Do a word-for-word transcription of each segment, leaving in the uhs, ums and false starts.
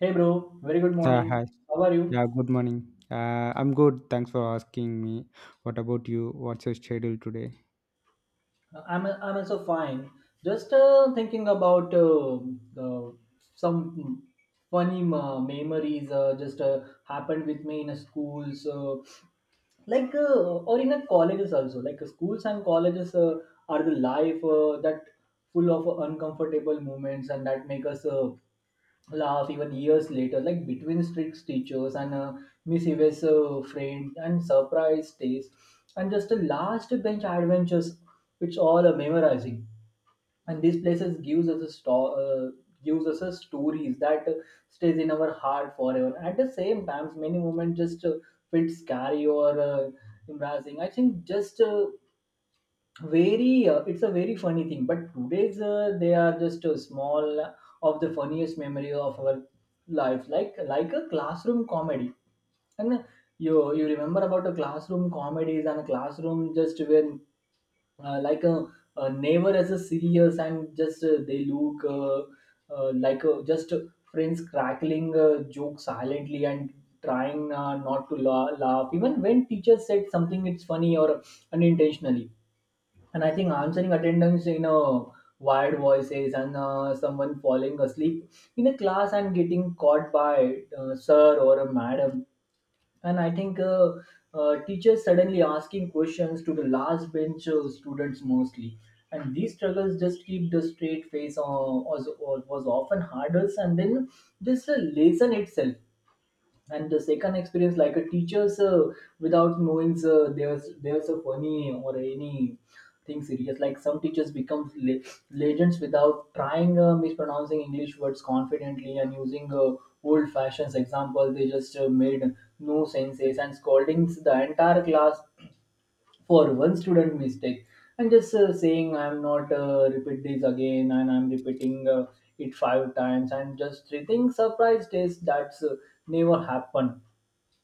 Hey bro, very good Uh, morning. Hi. How are you? Yeah, good morning. Uh, I'm good. Thanks for asking me. What about you? What's your schedule today? Uh, I'm I'm also fine. Just uh, thinking about uh, uh, some funny uh, memories uh, just uh, happened with me in a school. So like uh, or in a colleges also like uh, schools and colleges uh, are the life uh, that full of uncomfortable moments and that make us uh, laugh even years later, like between strict teachers and uh, mischievous uh, friends and surprise days, and just the last bench adventures, it's all uh, memorizing. And these places gives us a sto- uh, gives us a stories that uh, stays in our heart forever. At the same times, many moments just uh, feel scary or uh, embarrassing. I think just uh, very uh, it's a very funny thing but today's uh, they are just a small of the funniest memory of our life like like a classroom comedy and uh, you you remember about the classroom comedies and classroom just when uh, like a, a neighbor as a serious and just uh, they look uh, uh, like a, just friends crackling uh, joke silently and trying uh, not to la- laugh even when teacher said something it's funny or unintentionally. And I think answering attendance in a wired voices and uh, someone falling asleep in a class and getting caught by uh, sir or a madam. And I think uh, uh, teachers suddenly asking questions to the last bench uh, students mostly. And these struggles just keep the straight face uh, was, was often hardest and then just the lesson itself and the second experience like a teachers uh, without knowing uh, there's there's a funny or any thing serious like some teachers become le- legends without trying uh, mispronouncing english words confidently and using uh, old fashions example they just uh, made no senses and scolding the entire class for one student mistake and just uh, saying I'm not uh, repeat this again and I'm repeating uh, it five times and just treating surprise test that's uh, never happened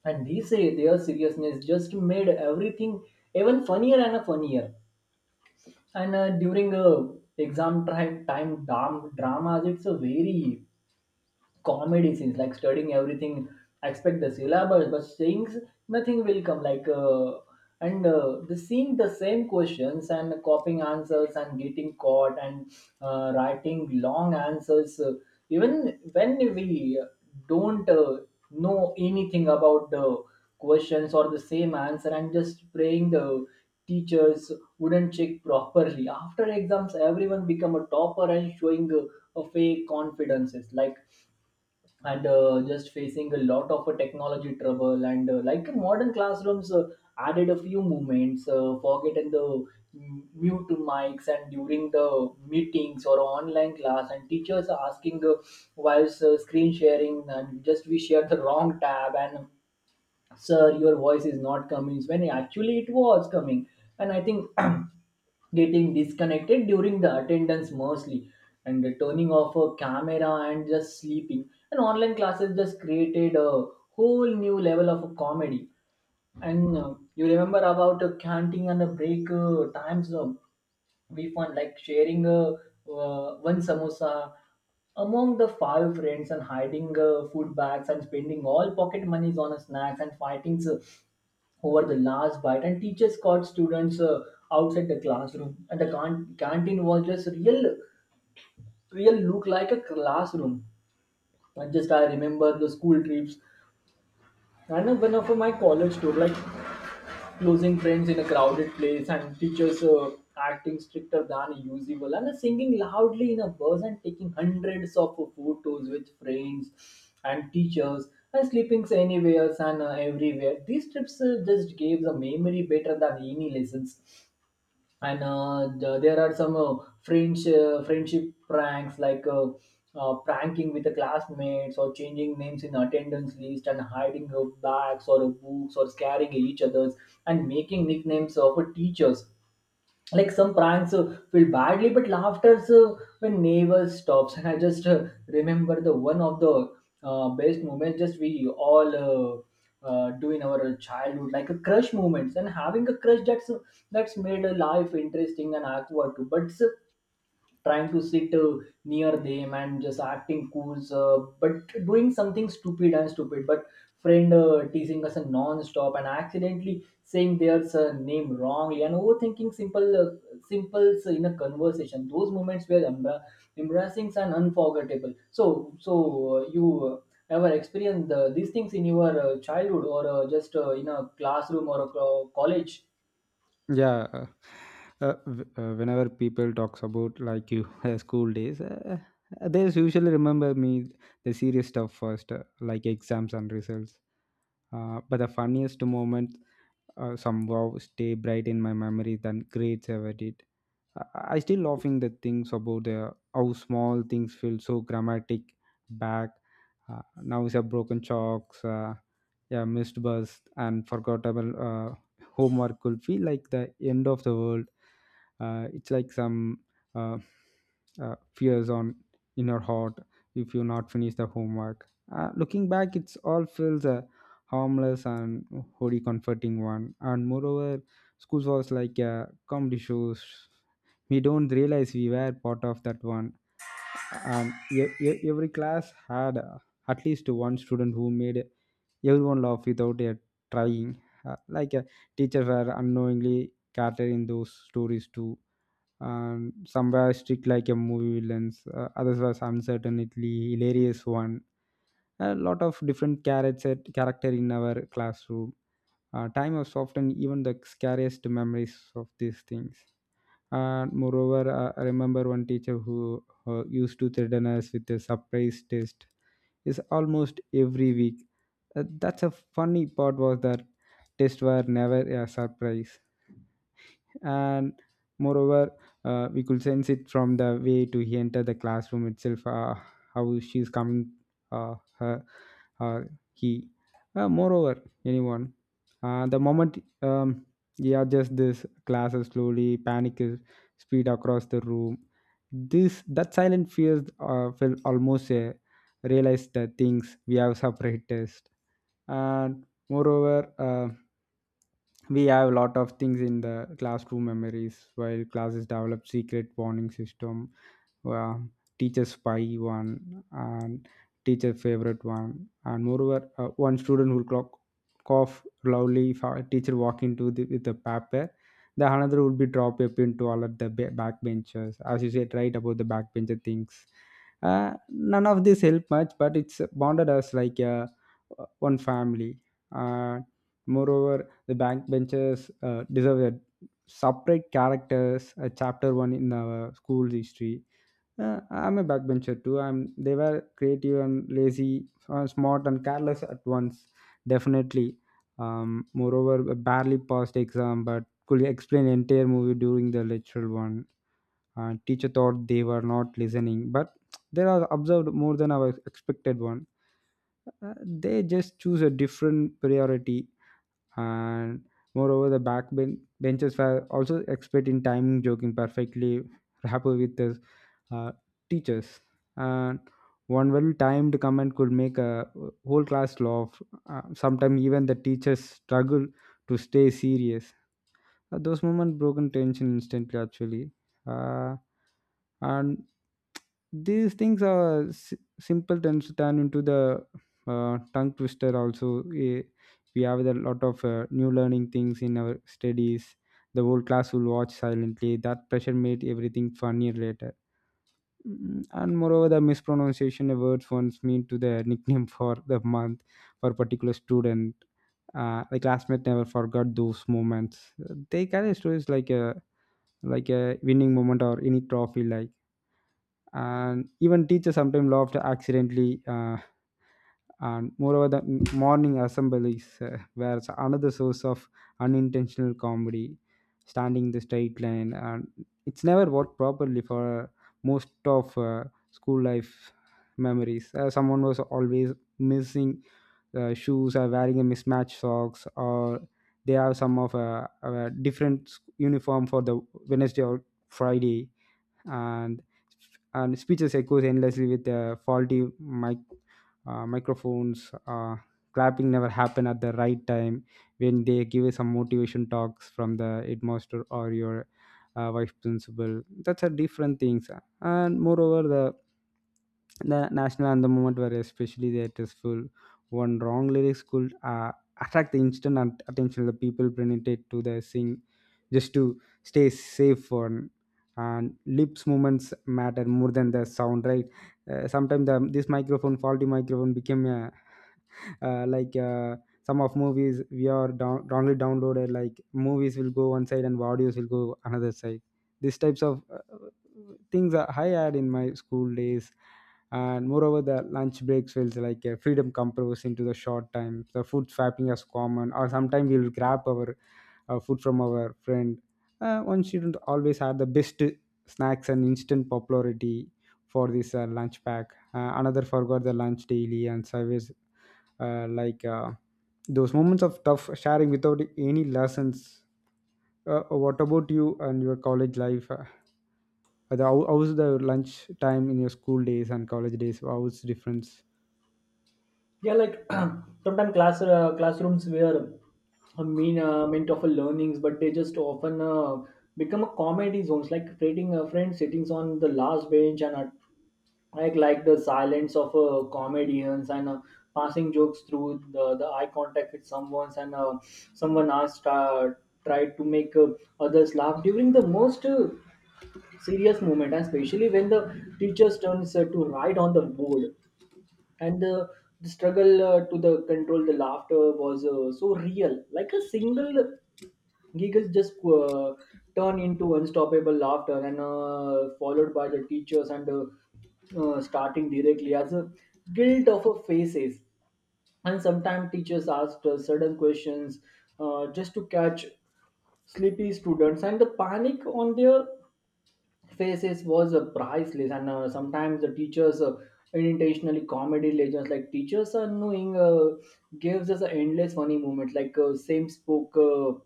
and they say their seriousness just made everything even funnier and funnier. And uh, during uh, exam time time dam- dramas it's a very comedy scenes like studying everything expect the syllabus but things nothing will come like uh, and uh, the seeing the same questions and copying answers and getting caught and uh, writing long answers uh, even when we don't uh, know anything about the questions or the same answer and just praying the teachers wouldn't check properly after exams everyone become a topper and showing uh, a fake confidences like. And uh, just facing a lot of uh, technology trouble and uh, like in modern classrooms uh, added a few movements uh, forgetting the mm, mute mics and during the meetings or online class and teachers are asking uh, while uh, screen sharing and just we share the wrong tab and sir your voice is not coming when actually it was coming. And I think getting disconnected during the attendance mostly and the turning off a camera and just sleeping and online classes just created a whole new level of comedy. And uh, you remember about uh, canting and a break uh, times, uh, we found like sharing uh, uh, one samosa among the five friends and hiding uh, food bags and spending all pocket monies on snacks and fighting. So over the last bite and teachers caught students uh, outside the classroom and the can- canteen was just real real look like a classroom. And just I remember the school trips and one of my college tour like losing friends in a crowded place and teachers uh, acting stricter than usual and singing loudly in a bus and taking hundreds of photos with friends and teachers and sleeping anywhere and uh, everywhere. These trips uh, just gave the memory better than any lessons. And uh, th- there are some uh, friends, uh, friendship pranks like uh, uh, pranking with the classmates or changing names in attendance list and hiding uh, bags or uh, books or scaring each others and making nicknames of uh, teachers like some pranks uh, feel badly but laughter uh, when never stops. And I just uh, remember the one of the uh, best moments just we all uh, uh, do in our childhood like a crush moments and having a crush that's that's made a life interesting and awkward too but uh, trying to sit uh, near them and just acting cool, uh, but doing something stupid and stupid. But friend uh, teasing us non-stop and accidentally saying their uh, name wrongly and overthinking simple uh, simples in a conversation. Those moments were embar- embarrassing and unforgettable. So, so uh, you. Uh, ever experienced uh, these things in your uh, childhood or uh, just uh, in a classroom or a co- college? yeah uh, uh, w- uh, Whenever people talks about like you uh, school days uh, uh, they usually remember me the serious stuff first, uh, like exams and results, uh, but the funniest moment uh, somehow stay bright in my memory than grades ever did. I, I still laughing the things about the how small things feel so dramatic back. Uh, now is a broken chalks uh, yeah missed bus and forgettable uh, homework will feel like the end of the world. Uh, it's like some uh, uh, fears on in your heart if you not finish the homework. Uh, looking back it's all feels a harmless and wholly comforting one. And moreover school was like a comedy shows, we don't realize we were part of that one. And e- e- every class had uh, at least one student who made everyone laugh without uh, trying. Uh, like uh, teachers were unknowingly catered in those stories too. um, some were strict like a movie villains, uh, others was uncertainly hilarious one. A lot of different character character in our classroom. Uh, time was often even the scariest memories of these things. And moreover, uh, I remember one teacher who uh, used to threaten us with a surprise test is almost every week. Uh, that's a funny part was that tests were never a surprise. And moreover, uh, we could sense it from the way to he enter the classroom itself, uh, how she's coming, uh, her uh, he uh, moreover anyone uh, the moment, um, yeah just this classes slowly panic is speed across the room. This that silent fears uh, felt almost uh, realized the things we have separated. And moreover, uh, we have a lot of things in the classroom memories while classes develop secret warning system. uh, Teacher spy one and teacher favorite one. And moreover uh, one student will clock cough loudly if a teacher walk into the, with the paper. The another would be drop a pin to all of the ba- backbenchers as you said right about the backbencher things. Uh, none of this help much but it's bonded us like a uh, one family. And moreover, the backbenchers uh, deserve a separate characters, a chapter one in our school history. Uh, I'm a backbencher too. I'm, they were creative and lazy, uh, smart and careless at once, definitely. Um, moreover, barely passed exam, but could explain entire movie during the lecture one. Uh, teacher thought they were not listening but they are observed more than our expected one. uh, they just choose a different priority. And moreover the back ben- benches were also expert in timing joking perfectly rapport with the uh, teachers. And one well timed comment could make a whole class laugh. Uh, sometimes even the teachers struggle to stay serious. Uh, those moments broken tension instantly, actually. Uh, and these things are s- simple tends to turn into the uh, tongue twister also. Eh, we have a lot of uh, new learning things in our studies. The whole class will watch silently that pressure made everything funnier later. Mm, and moreover the mispronunciation of words once mean to the nickname for the month for a particular student. Uh, the classmate never forgot those moments. Uh, they carry stories like a like a winning moment or any trophy like. And even teachers sometimes laughed accidentally. Uh, and moreover the m- morning assemblies uh, were another source of unintentional comedy. Standing in the straight line and it's never worked properly for most of uh, school life memories. Uh, someone was always missing uh, shoes or wearing a mismatched socks or they have some of a, a different s- uniform for the Wednesday or Friday. And and speeches echoes endlessly with uh, faulty mic uh, microphones. Uh, clapping never happen at the right time when they give some motivation talks from the headmaster or your uh, vice principal. That's a different things. And moreover, the the national anthem moment were especially the stressful. One wrong lyrics could uh, attract the instant at- attention of the people printed to the sing just to stay safe for. And lips movements matter more than the sound right. Uh, sometimes the, this microphone faulty microphone became a uh, like uh, some of movies we are down, only downloaded like movies will go one side and audios will go another side. These types of uh, things are I had in my school days. And moreover the lunch breaks feels like a freedom compressed into the short time. The food swapping is common or sometimes we'll grab our uh, food from our friend. Uh, one shouldn't always have the best snacks and instant popularity for this uh, lunch pack. Uh, another forgot the lunch daily and service, uh, like uh, those moments of tough sharing without any lessons. Uh, what about you and your college life? Uh, the, how how was the lunch time in your school days and college days? How was difference? Yeah, like sometimes class uh, classrooms were a mean uh, meant of a learnings, but they just often uh, become a comedy zones, like creating a friend sittings on the last bench and uh, like like the silence of uh, comedians and uh, passing jokes through the, the eye contact with someone's and uh, someone asked uh, tried to make uh, others laugh during the most uh, serious moment, and especially when the teacher's turns uh, to write on the board and the, the struggle uh, to the control the laughter was uh, so real like a single giggles just uh, turn into unstoppable laughter and uh, followed by the teachers and uh, uh, starting directly as a guilt of a faces. And sometimes teachers asked uh, certain questions uh, just to catch sleepy students and the panic on their faces was uh, priceless. And uh, sometimes the teachers uh, unintentionally comedy legends like teachers are knowing uh, gives us an endless funny moment like uh, same spoke uh,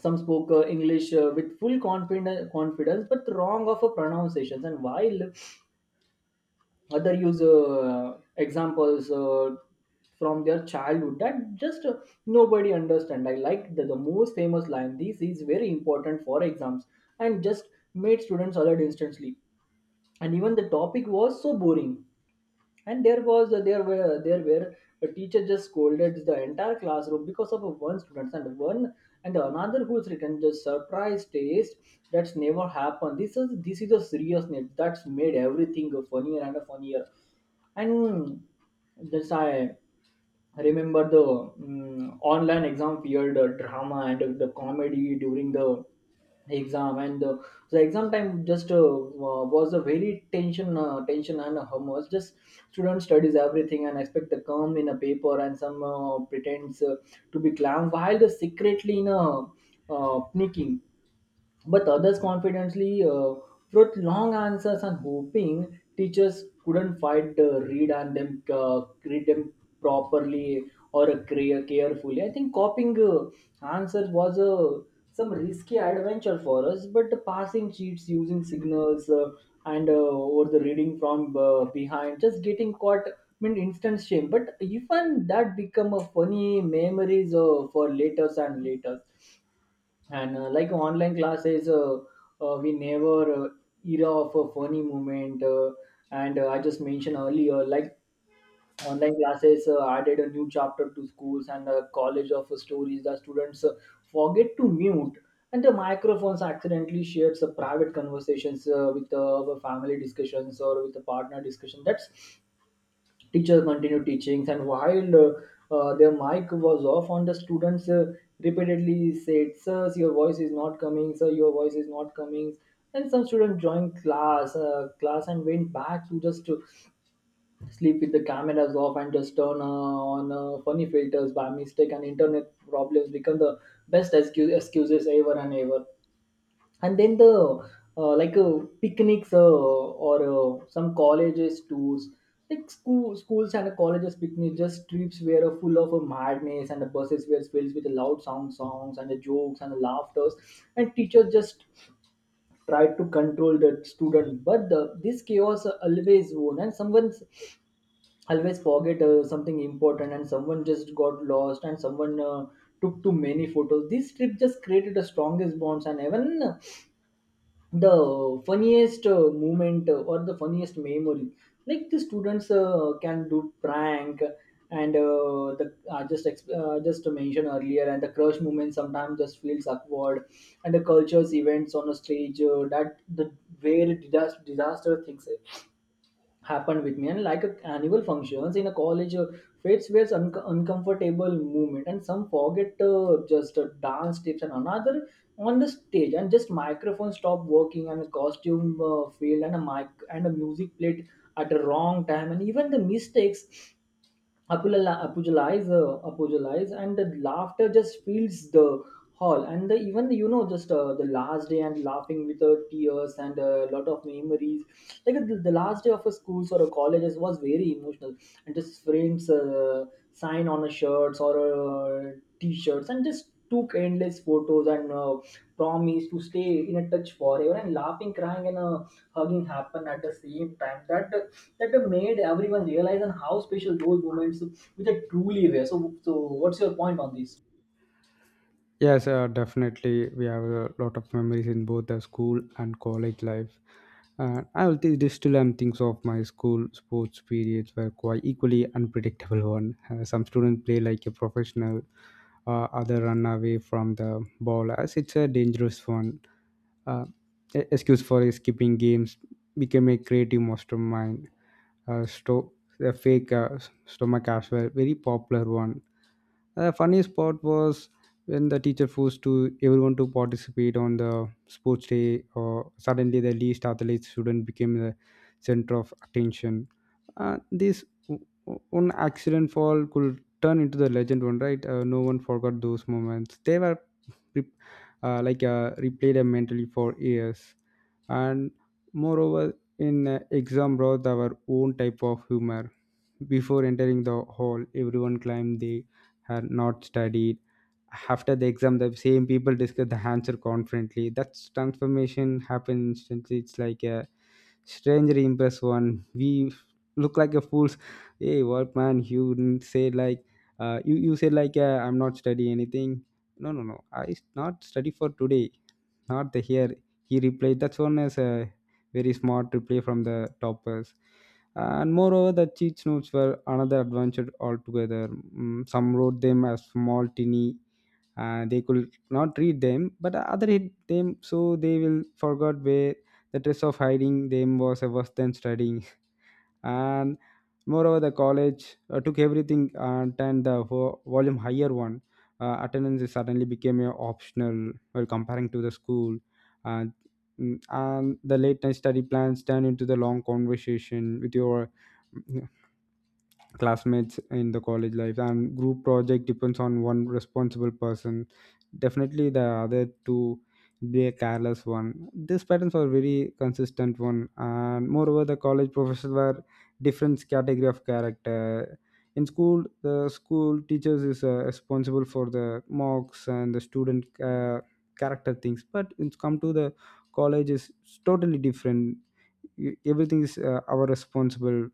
some spoke uh, english uh, with full confidence confidence but wrong of a pronunciations and while other use uh, examples uh, from their childhood that just uh, nobody understand. I like the, the most famous line, this is very important for exams and just made students alert instantly and even the topic was so boring. And there was uh, there were there were a teacher just scolded the entire classroom because of one student and one and another who's written just surprise taste that's never happened. This is this is a seriousness that's made everything funnier and funnier. And that's i I remember the mm online exam fear, the drama and the, the comedy during the exam and the, the exam time just uh, wa- was a very tension uh, tension and uh, hummus just student studies everything and expect the calm in a paper and some uh, pretends uh, to be calm while the secretly in a uh, sneaking but others confidently uh, wrote long answers and hoping teachers couldn't find uh, read and them uh, read them properly or uh, care- carefully. I think copying uh, answers was uh, some risky adventure for us but the passing cheats using signals uh, and uh, or the reading from uh, behind just getting caught. I mean instant shame but even that become a funny memories uh, for later and later. And uh, like online classes uh, uh, we never uh, era of a funny moment uh, and uh, I just mentioned earlier like online classes uh, added a new chapter to schools and uh, college of stories that students uh, forget to mute and the microphones accidentally shares uh, private conversations uh, with uh, family discussions or with a partner discussion that's. Teacher continued teachings, and while uh, uh, their mic was off on, the students uh, repeatedly said, "Sir, your voice is not coming. Sir, your voice is not coming." And some students joined class, uh, class, and went back to just to sleep with the cameras off and just turn uh, on uh, funny filters by mistake. And internet problems become the best excu- excuses ever and ever and then the uh, like uh, picnics uh, or uh, some colleges tours like school, schools and uh, colleges picnics just trips were uh, full of uh, madness, and the buses were filled with loud sound songs and the jokes and the laughters. And teachers just tried to control the student, but the, this chaos uh, always won, and someone's always forget uh, something important, and someone just got lost, and someone uh, took too many photos. This trip just created the strongest bonds and even the funniest uh, moment uh, or the funniest memory, like the students uh, can do prank. And uh, the I just ex- uh, Just to mention earlier, and the crush moment sometimes just feels awkward. And the cultures events on a stage uh, that the where disaster disaster things happened with me. And like a annual functions in a college uh, fits with un- uncomfortable movement, and some forget uh, just uh, dance tips, and another on the stage, and just microphone stop working, and a costume uh, failed, and a mic and a music played at the wrong time. And even the mistakes apollo- apologize, uh, apologize, and the laughter just fills the hall. And the, even you know, just uh, the last day and laughing with the tears and uh, a lot of memories. Like the, the last day of a schools or a colleges was very emotional, and just friends uh, sign on a shirts or uh, t-shirts, and just took endless photos and uh, promised to stay in a touch forever, and laughing crying and uh, hugging happened at the same time, that that made everyone realize and how special those moments which are truly rare. So, so what's your point on this? Yes, uh, definitely. We have a lot of memories in both the school and college life. Uh, I will think this still am things of my school sports periods were quite equally unpredictable one. Uh, some students play like a professional, uh, other run away from the ball as it's a dangerous one. Uh, e- excuse for skipping games became a creative mastermind. Uh, sto- the fake uh, stomach as well, very popular one. The funniest part was when the teacher forced to everyone to participate on the sports day or suddenly the least athlete student became the center of attention. Uh, this o- o- one accident fall could turn into the legend one right. Uh, no one forgot those moments. They were re- uh, like uh, replayed mentally for years. And moreover in uh, exam brought our own type of humor. Before entering the hall everyone claimed they had not studied. After the exam the same people discuss the answer confidently. That transformation happen instantly. It's like a stranger impress one. We look like a fools. Hey what man you didn't say like, uh, you you say like, uh, I'm not study anything. No no no I s- not study for today, not the here, he replied. That's one is a very smart reply from the toppers. And moreover the cheat notes were another adventure altogether. Mm, some wrote them as small tiny, uh, they could not read them. But other hit them so they will forgot where. The stress of hiding them was uh, worse than studying. And moreover the college uh, took everything and turned the vo- volume higher one. Uh, attendance is suddenly became uh, optional while comparing to the school. uh, mm, and the late night study plans turn into the long conversation with your mm, classmates in the college life. And group project depends on one responsible person, definitely the other two be a careless one. These patterns are very consistent one. And moreover the college professors were different category of character. In school the school teachers is uh, responsible for the mocks and the student uh, character things. But it's come to the college is totally different. E- everything is uh, our responsible.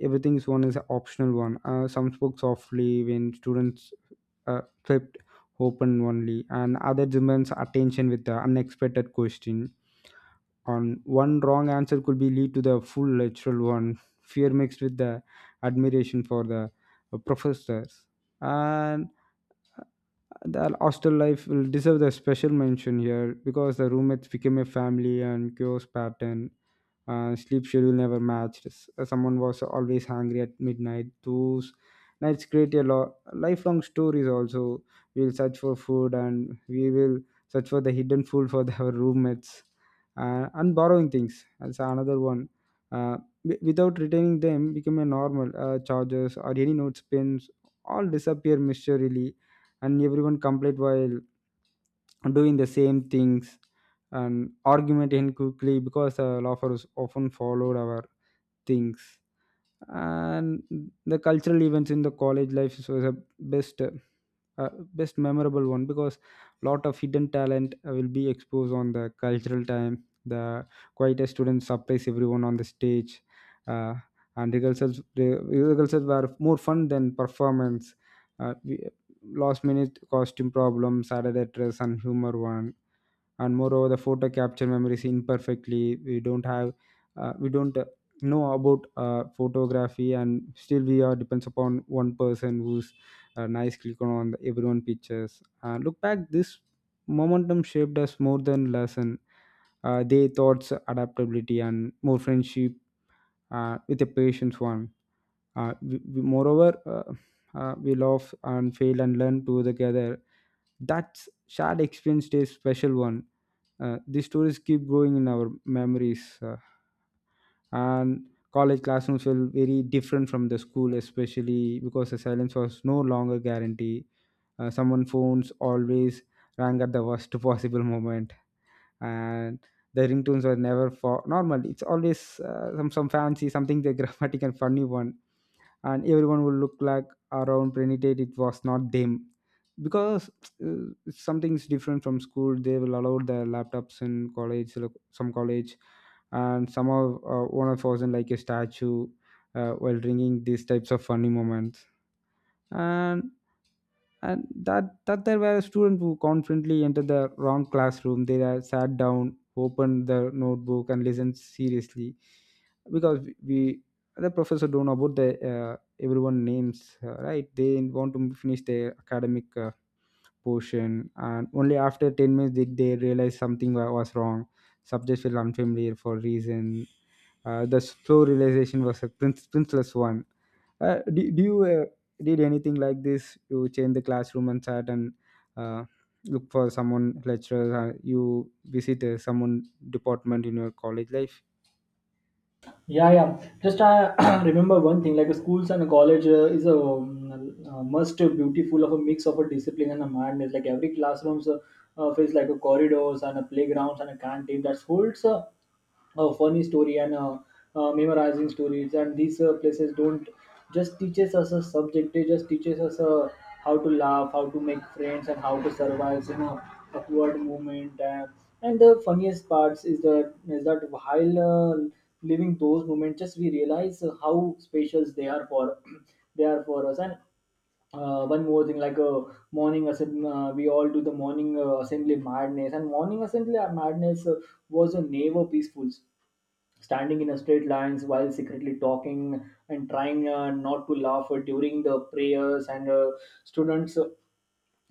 Everything is one is an optional one. Uh, some spoke softly when students uh, flipped open only and other demands attention with the unexpected question on. One wrong answer could be lead to the full literal one fear mixed with the admiration for the uh, professors. And the hostel life will deserve the special mention here because the roommates became a family and chaos pattern. Uh, sleep schedule never matched. S- uh, Someone was always hungry at midnight. Those nights create a lot lifelong stories. Also, we will search for food and we will search for the hidden food for the, our roommates, uh, and borrowing things. That's another one. Uh, wi- without retaining them, become a normal uh, chargers or any notes pins all disappear mysteriously, and everyone complained while doing the same things, and argument in quickly because uh, laughter is often followed our things. And the cultural events in the college life is was the best uh, uh, best memorable one because lot of hidden talent uh, will be exposed on the cultural time. The quietest students surprise everyone on the stage. Uh, and rehearsals re- rehearsals were more fun than performance. uh, we, Last minute costume problems, saturday dress and humor one. And moreover the photo capture memory memories imperfectly. We don't have uh, we don't uh, Know about uh, photography, and still we are depends upon one person who's uh, nice click on the everyone pictures. Uh, look back, this momentum shaped us more than lesson. Uh, they thoughts adaptability and more friendship uh, with a patience one. Uh, we, we- moreover uh, uh, We love and fail and learn together. That's shared experience is special one. Uh, these stories keep growing in our memories uh, and College classrooms feel very different from the school, especially because the silence was no longer guaranteed. Uh, someone phones always rang at the worst possible moment. And the ringtones were never for normal. It's always uh, some some fancy something, the dramatic and funny one. And everyone will look like around pretended it was not them, because uh, something's different from school. They will allow their laptops in college, like some college. And some of uh, one of us in like a statue uh, while drinking these types of funny moments. And and that that there were students who confidently entered the wrong classroom. They are sat down, opened the notebook, and listened seriously, because we, the professor don't know about the uh, everyone names, uh, right. They want to finish their academic uh, portion, and only after ten minutes did they realize something wa- was wrong. Subjects feel unfamiliar for reason. Uh, the slow realization was a prince, princeless one. Uh, do, do you uh, did anything like this? You change the classroom and sat and uh, look for someone lecturer. Or you visit uh, someone department in your college life? Yeah, yeah. Just I remember one thing, like schools and college uh, is a um, uh, must beautiful of a mix of a discipline and a madness. Like every classrooms uh, uh, feels like a corridors and a playgrounds and a canteen that holds Uh, a funny story and uh, uh, memorizing stories. And these uh, places don't just teaches us a subject, they just teaches us uh, how to laugh, how to make friends, and how to survive in a awkward moment. And and the funniest parts is that is that while uh, living those moments, just we realize uh, how special they are for they are for us. And uh, one more thing, like a uh, morning assembly. Uh, we all do the morning uh, assembly madness, and morning assembly madness uh, was a never peaceful, standing in a straight lines while secretly talking and trying uh, not to laugh during the prayers, and uh, students uh,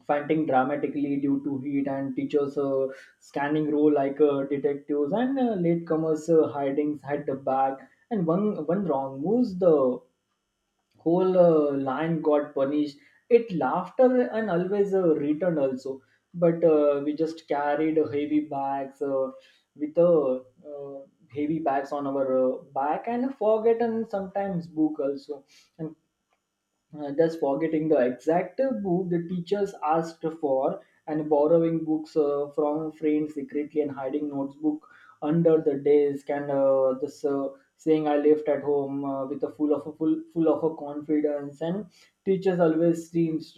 fighting dramatically due to heat, and teachers uh, scanning row like uh, detectives, and uh, latecomers uh, hiding at the back. And one one wrong moves, the whole uh, line got punished. It laughter and always uh, returned also. But uh, we just carried heavy bags uh, with uh, uh, heavy bags on our uh, back, and forgotten sometimes book also, and uh, just forgetting the exact book the teachers asked for, and borrowing books uh, from friends secretly, and hiding notebook under the desk, and uh, this uh, saying I left at home uh, with a full of a full, full of a confidence, and teachers always seems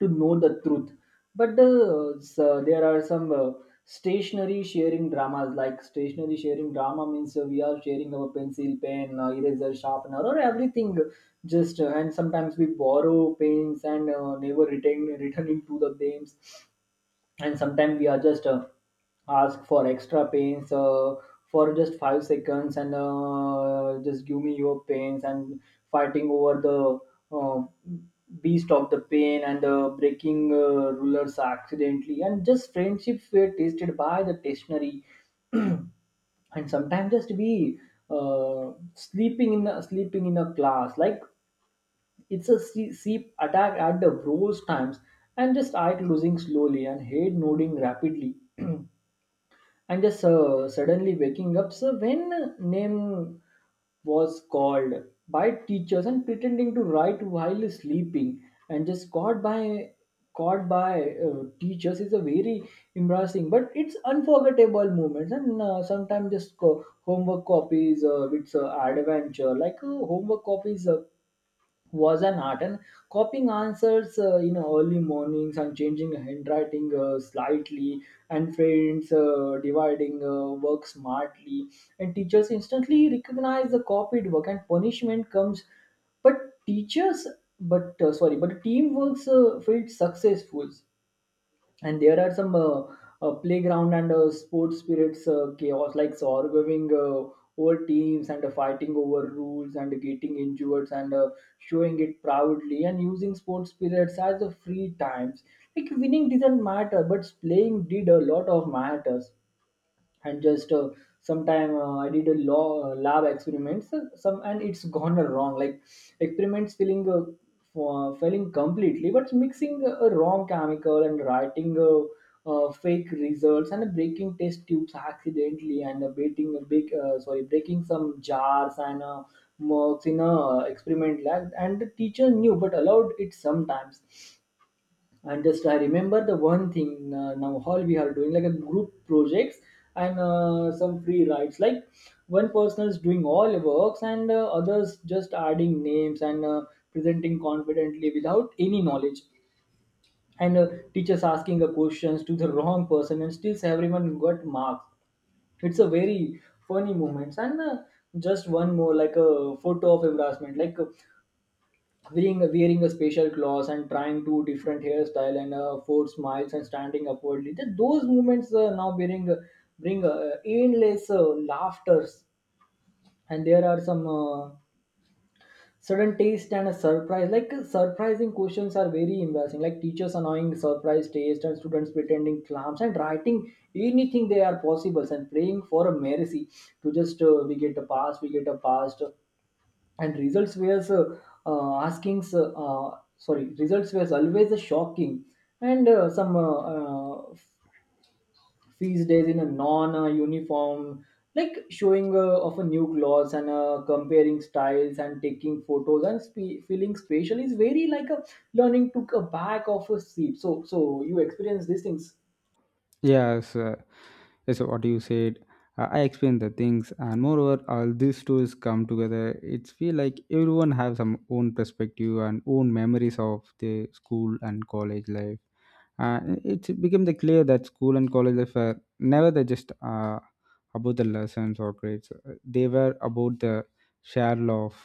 to know the truth. But the, uh, so there are some uh, stationary sharing dramas. Like stationary sharing drama means uh, we are sharing our pencil, pen, uh, eraser, sharpener, or everything. Just uh, and sometimes we borrow pens and uh, never return returning to the names. And sometimes we are just uh, ask for extra pains uh, for just five seconds, and uh, just give me your pains. And fighting over the uh, beast of the pain, and uh, breaking uh, rulers accidentally, and just friendships were tasted by the stationery. And sometimes just be uh, sleeping in a, sleeping in a class, like it's a se- sheep attack at the worst times, and just eye closing slowly and head nodding rapidly, and just uh, suddenly waking up. So when name was called by teachers, and pretending to write while sleeping, and just caught by caught by uh, teachers is a very embarrassing but it's unforgettable moments. And uh, sometimes just co- homework copies uh, it's uh, adventure. Like uh, homework copies uh, was an art, and copying answers, uh, you know, early mornings, and changing handwriting uh, slightly, and friends uh, dividing uh, work smartly, and teachers instantly recognize the copied work and punishment comes. But teachers but uh, sorry but teamwork uh, felt successful. And there are some uh, uh, playground and uh, sports spirits uh, chaos, like so arguing uh, over teams, and uh, fighting over rules, and getting injured and uh, showing it proudly, and using sports spirits as the free times. Like winning didn't matter, but playing did a lot of matters. And just uh, sometime uh, I did a law, lab experiments uh, some, and it's gone wrong. Like experiments feeling uh, for, failing completely, but mixing a wrong chemical, and writing uh, uh, fake results, and breaking test tubes accidentally, and uh, breaking a big uh, sorry breaking some jars and uh, mugs in a experiment lab, and the teacher knew but allowed it sometimes. And just I remember the one thing uh, now all we are doing, like a group projects and uh, some free rides. Like one person is doing all the works, and uh, others just adding names and uh, presenting confidently without any knowledge. And uh, teachers asking the questions to the wrong person, and still everyone got marks. It's a very funny moments. And uh, just one more, like a photo of embarrassment, like uh, wearing wearing a special clothes, and trying two different hairstyle, and uh, four smiles, and standing upwardly. Th- Those movements uh, now bring bring uh, endless uh, laughters. And there are some uh, sudden taste and a surprise. Like uh, surprising questions are very embarrassing. Like teachers annoying surprise taste, and students pretending clams and writing anything they are possible, and praying for a mercy to just uh, we get a pass, we get a pass. And results were uh, uh, asking uh, uh, sorry results were always shocking. And uh, some uh, uh, feast days in a non uh, uniform, like showing uh, of a new clothes, and uh, comparing styles, and taking photos, and spe- feeling spatial is very like a learning took a back of a seat. So so you experience these things? Yes, uh, yes. What you said, uh, I explained the things, and moreover, all these stories come together. It's feel like everyone have some own perspective and own memories of the school and college life. Uh, it became the clear that school and college life were never the just uh, about the lessons or grades. Uh, They were about the share love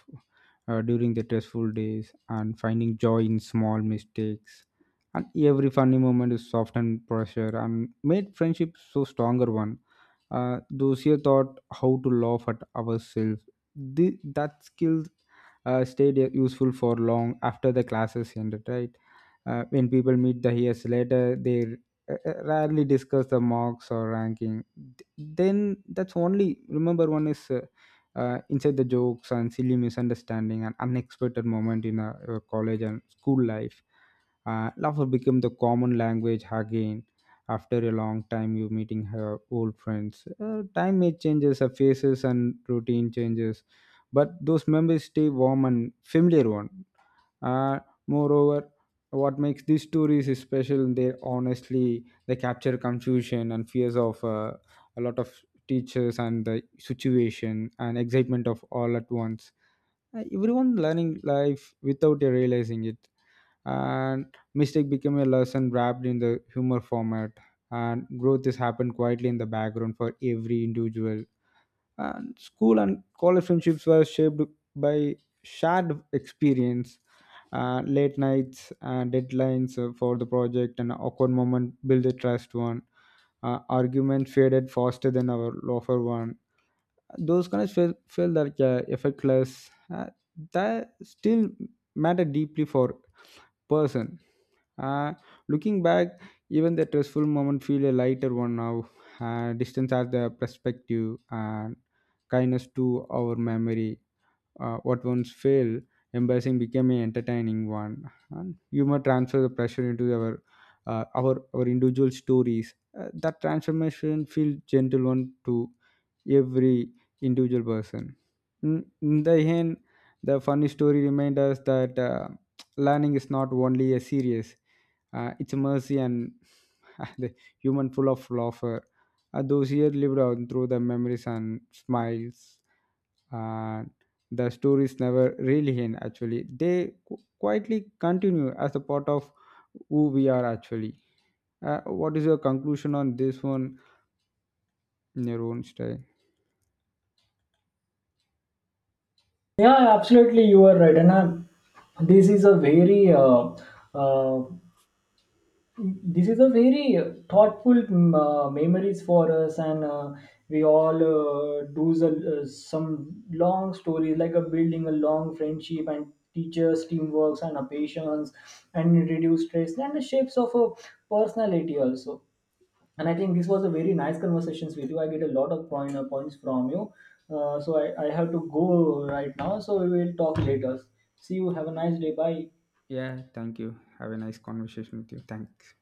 uh, during the stressful days, and finding joy in small mistakes. And every funny moment is soft and pressure and made friendship so stronger one. Uh, those here taught how to laugh at ourselves. The, that skill uh, stayed useful for long after the classes ended, right? Uh, when people meet the years later, they uh, uh, rarely discuss the marks or ranking. Th- Then that's only remember one is uh, uh, inside the jokes and silly misunderstanding and unexpected moment in uh, your college and school life. Uh, laughter became the common language again after a long time you meeting her old friends. Uh, time may changes her faces and routine changes, but those memories stay warm and familiar one. Uh, moreover, what makes these stories is special, they honestly they capture confusion and fears of uh, a lot of teachers and the situation and excitement of all at once. Uh, everyone learning life without you realizing it, and mistake became a lesson wrapped in the humor format, and growth has happened quietly in the background for every individual. And school and college friendships were shaped by shared experience. Uh, late nights, uh, deadlines uh, for the project and awkward moment build a trust one. Uh, arguments faded faster than our loafer one. Those kind of feel, feel like uh, effortless, uh, that still matter deeply for person. uh, Looking back, even the stressful moment feel a lighter one now. Uh, distance as the perspective and kindness to our memory. Uh, what once failed embarrassing became an entertaining one, and humor transfer the pressure into our uh, our our individual stories. Uh, that transformation feel gentle one to every individual person. In, in the end, the funny story reminds us that uh, learning is not only a serious, uh, it's a mercy and the human full of laughter. Uh, those here lived on through the memories and smiles, and the stories never really end, actually. They qu- quietly continue as a part of who we are, actually. Uh, what is your conclusion on this one, in your own style? Yeah, absolutely, you are right. And uh, this is a very uh, uh, this is a very uh, thoughtful mm, uh, memories for us. And uh, we all uh, do the, uh, some long stories, like a building a long friendship and teachers teamworks and a patience, and reduce stress and the shapes of a personality also. And I think this was a very nice conversations with you. I get a lot of point, uh, points from you. Uh, so I, I have to go right now, so we will talk later. See you, have a nice day, bye. Yeah, thank you, have a nice conversation with you, thanks.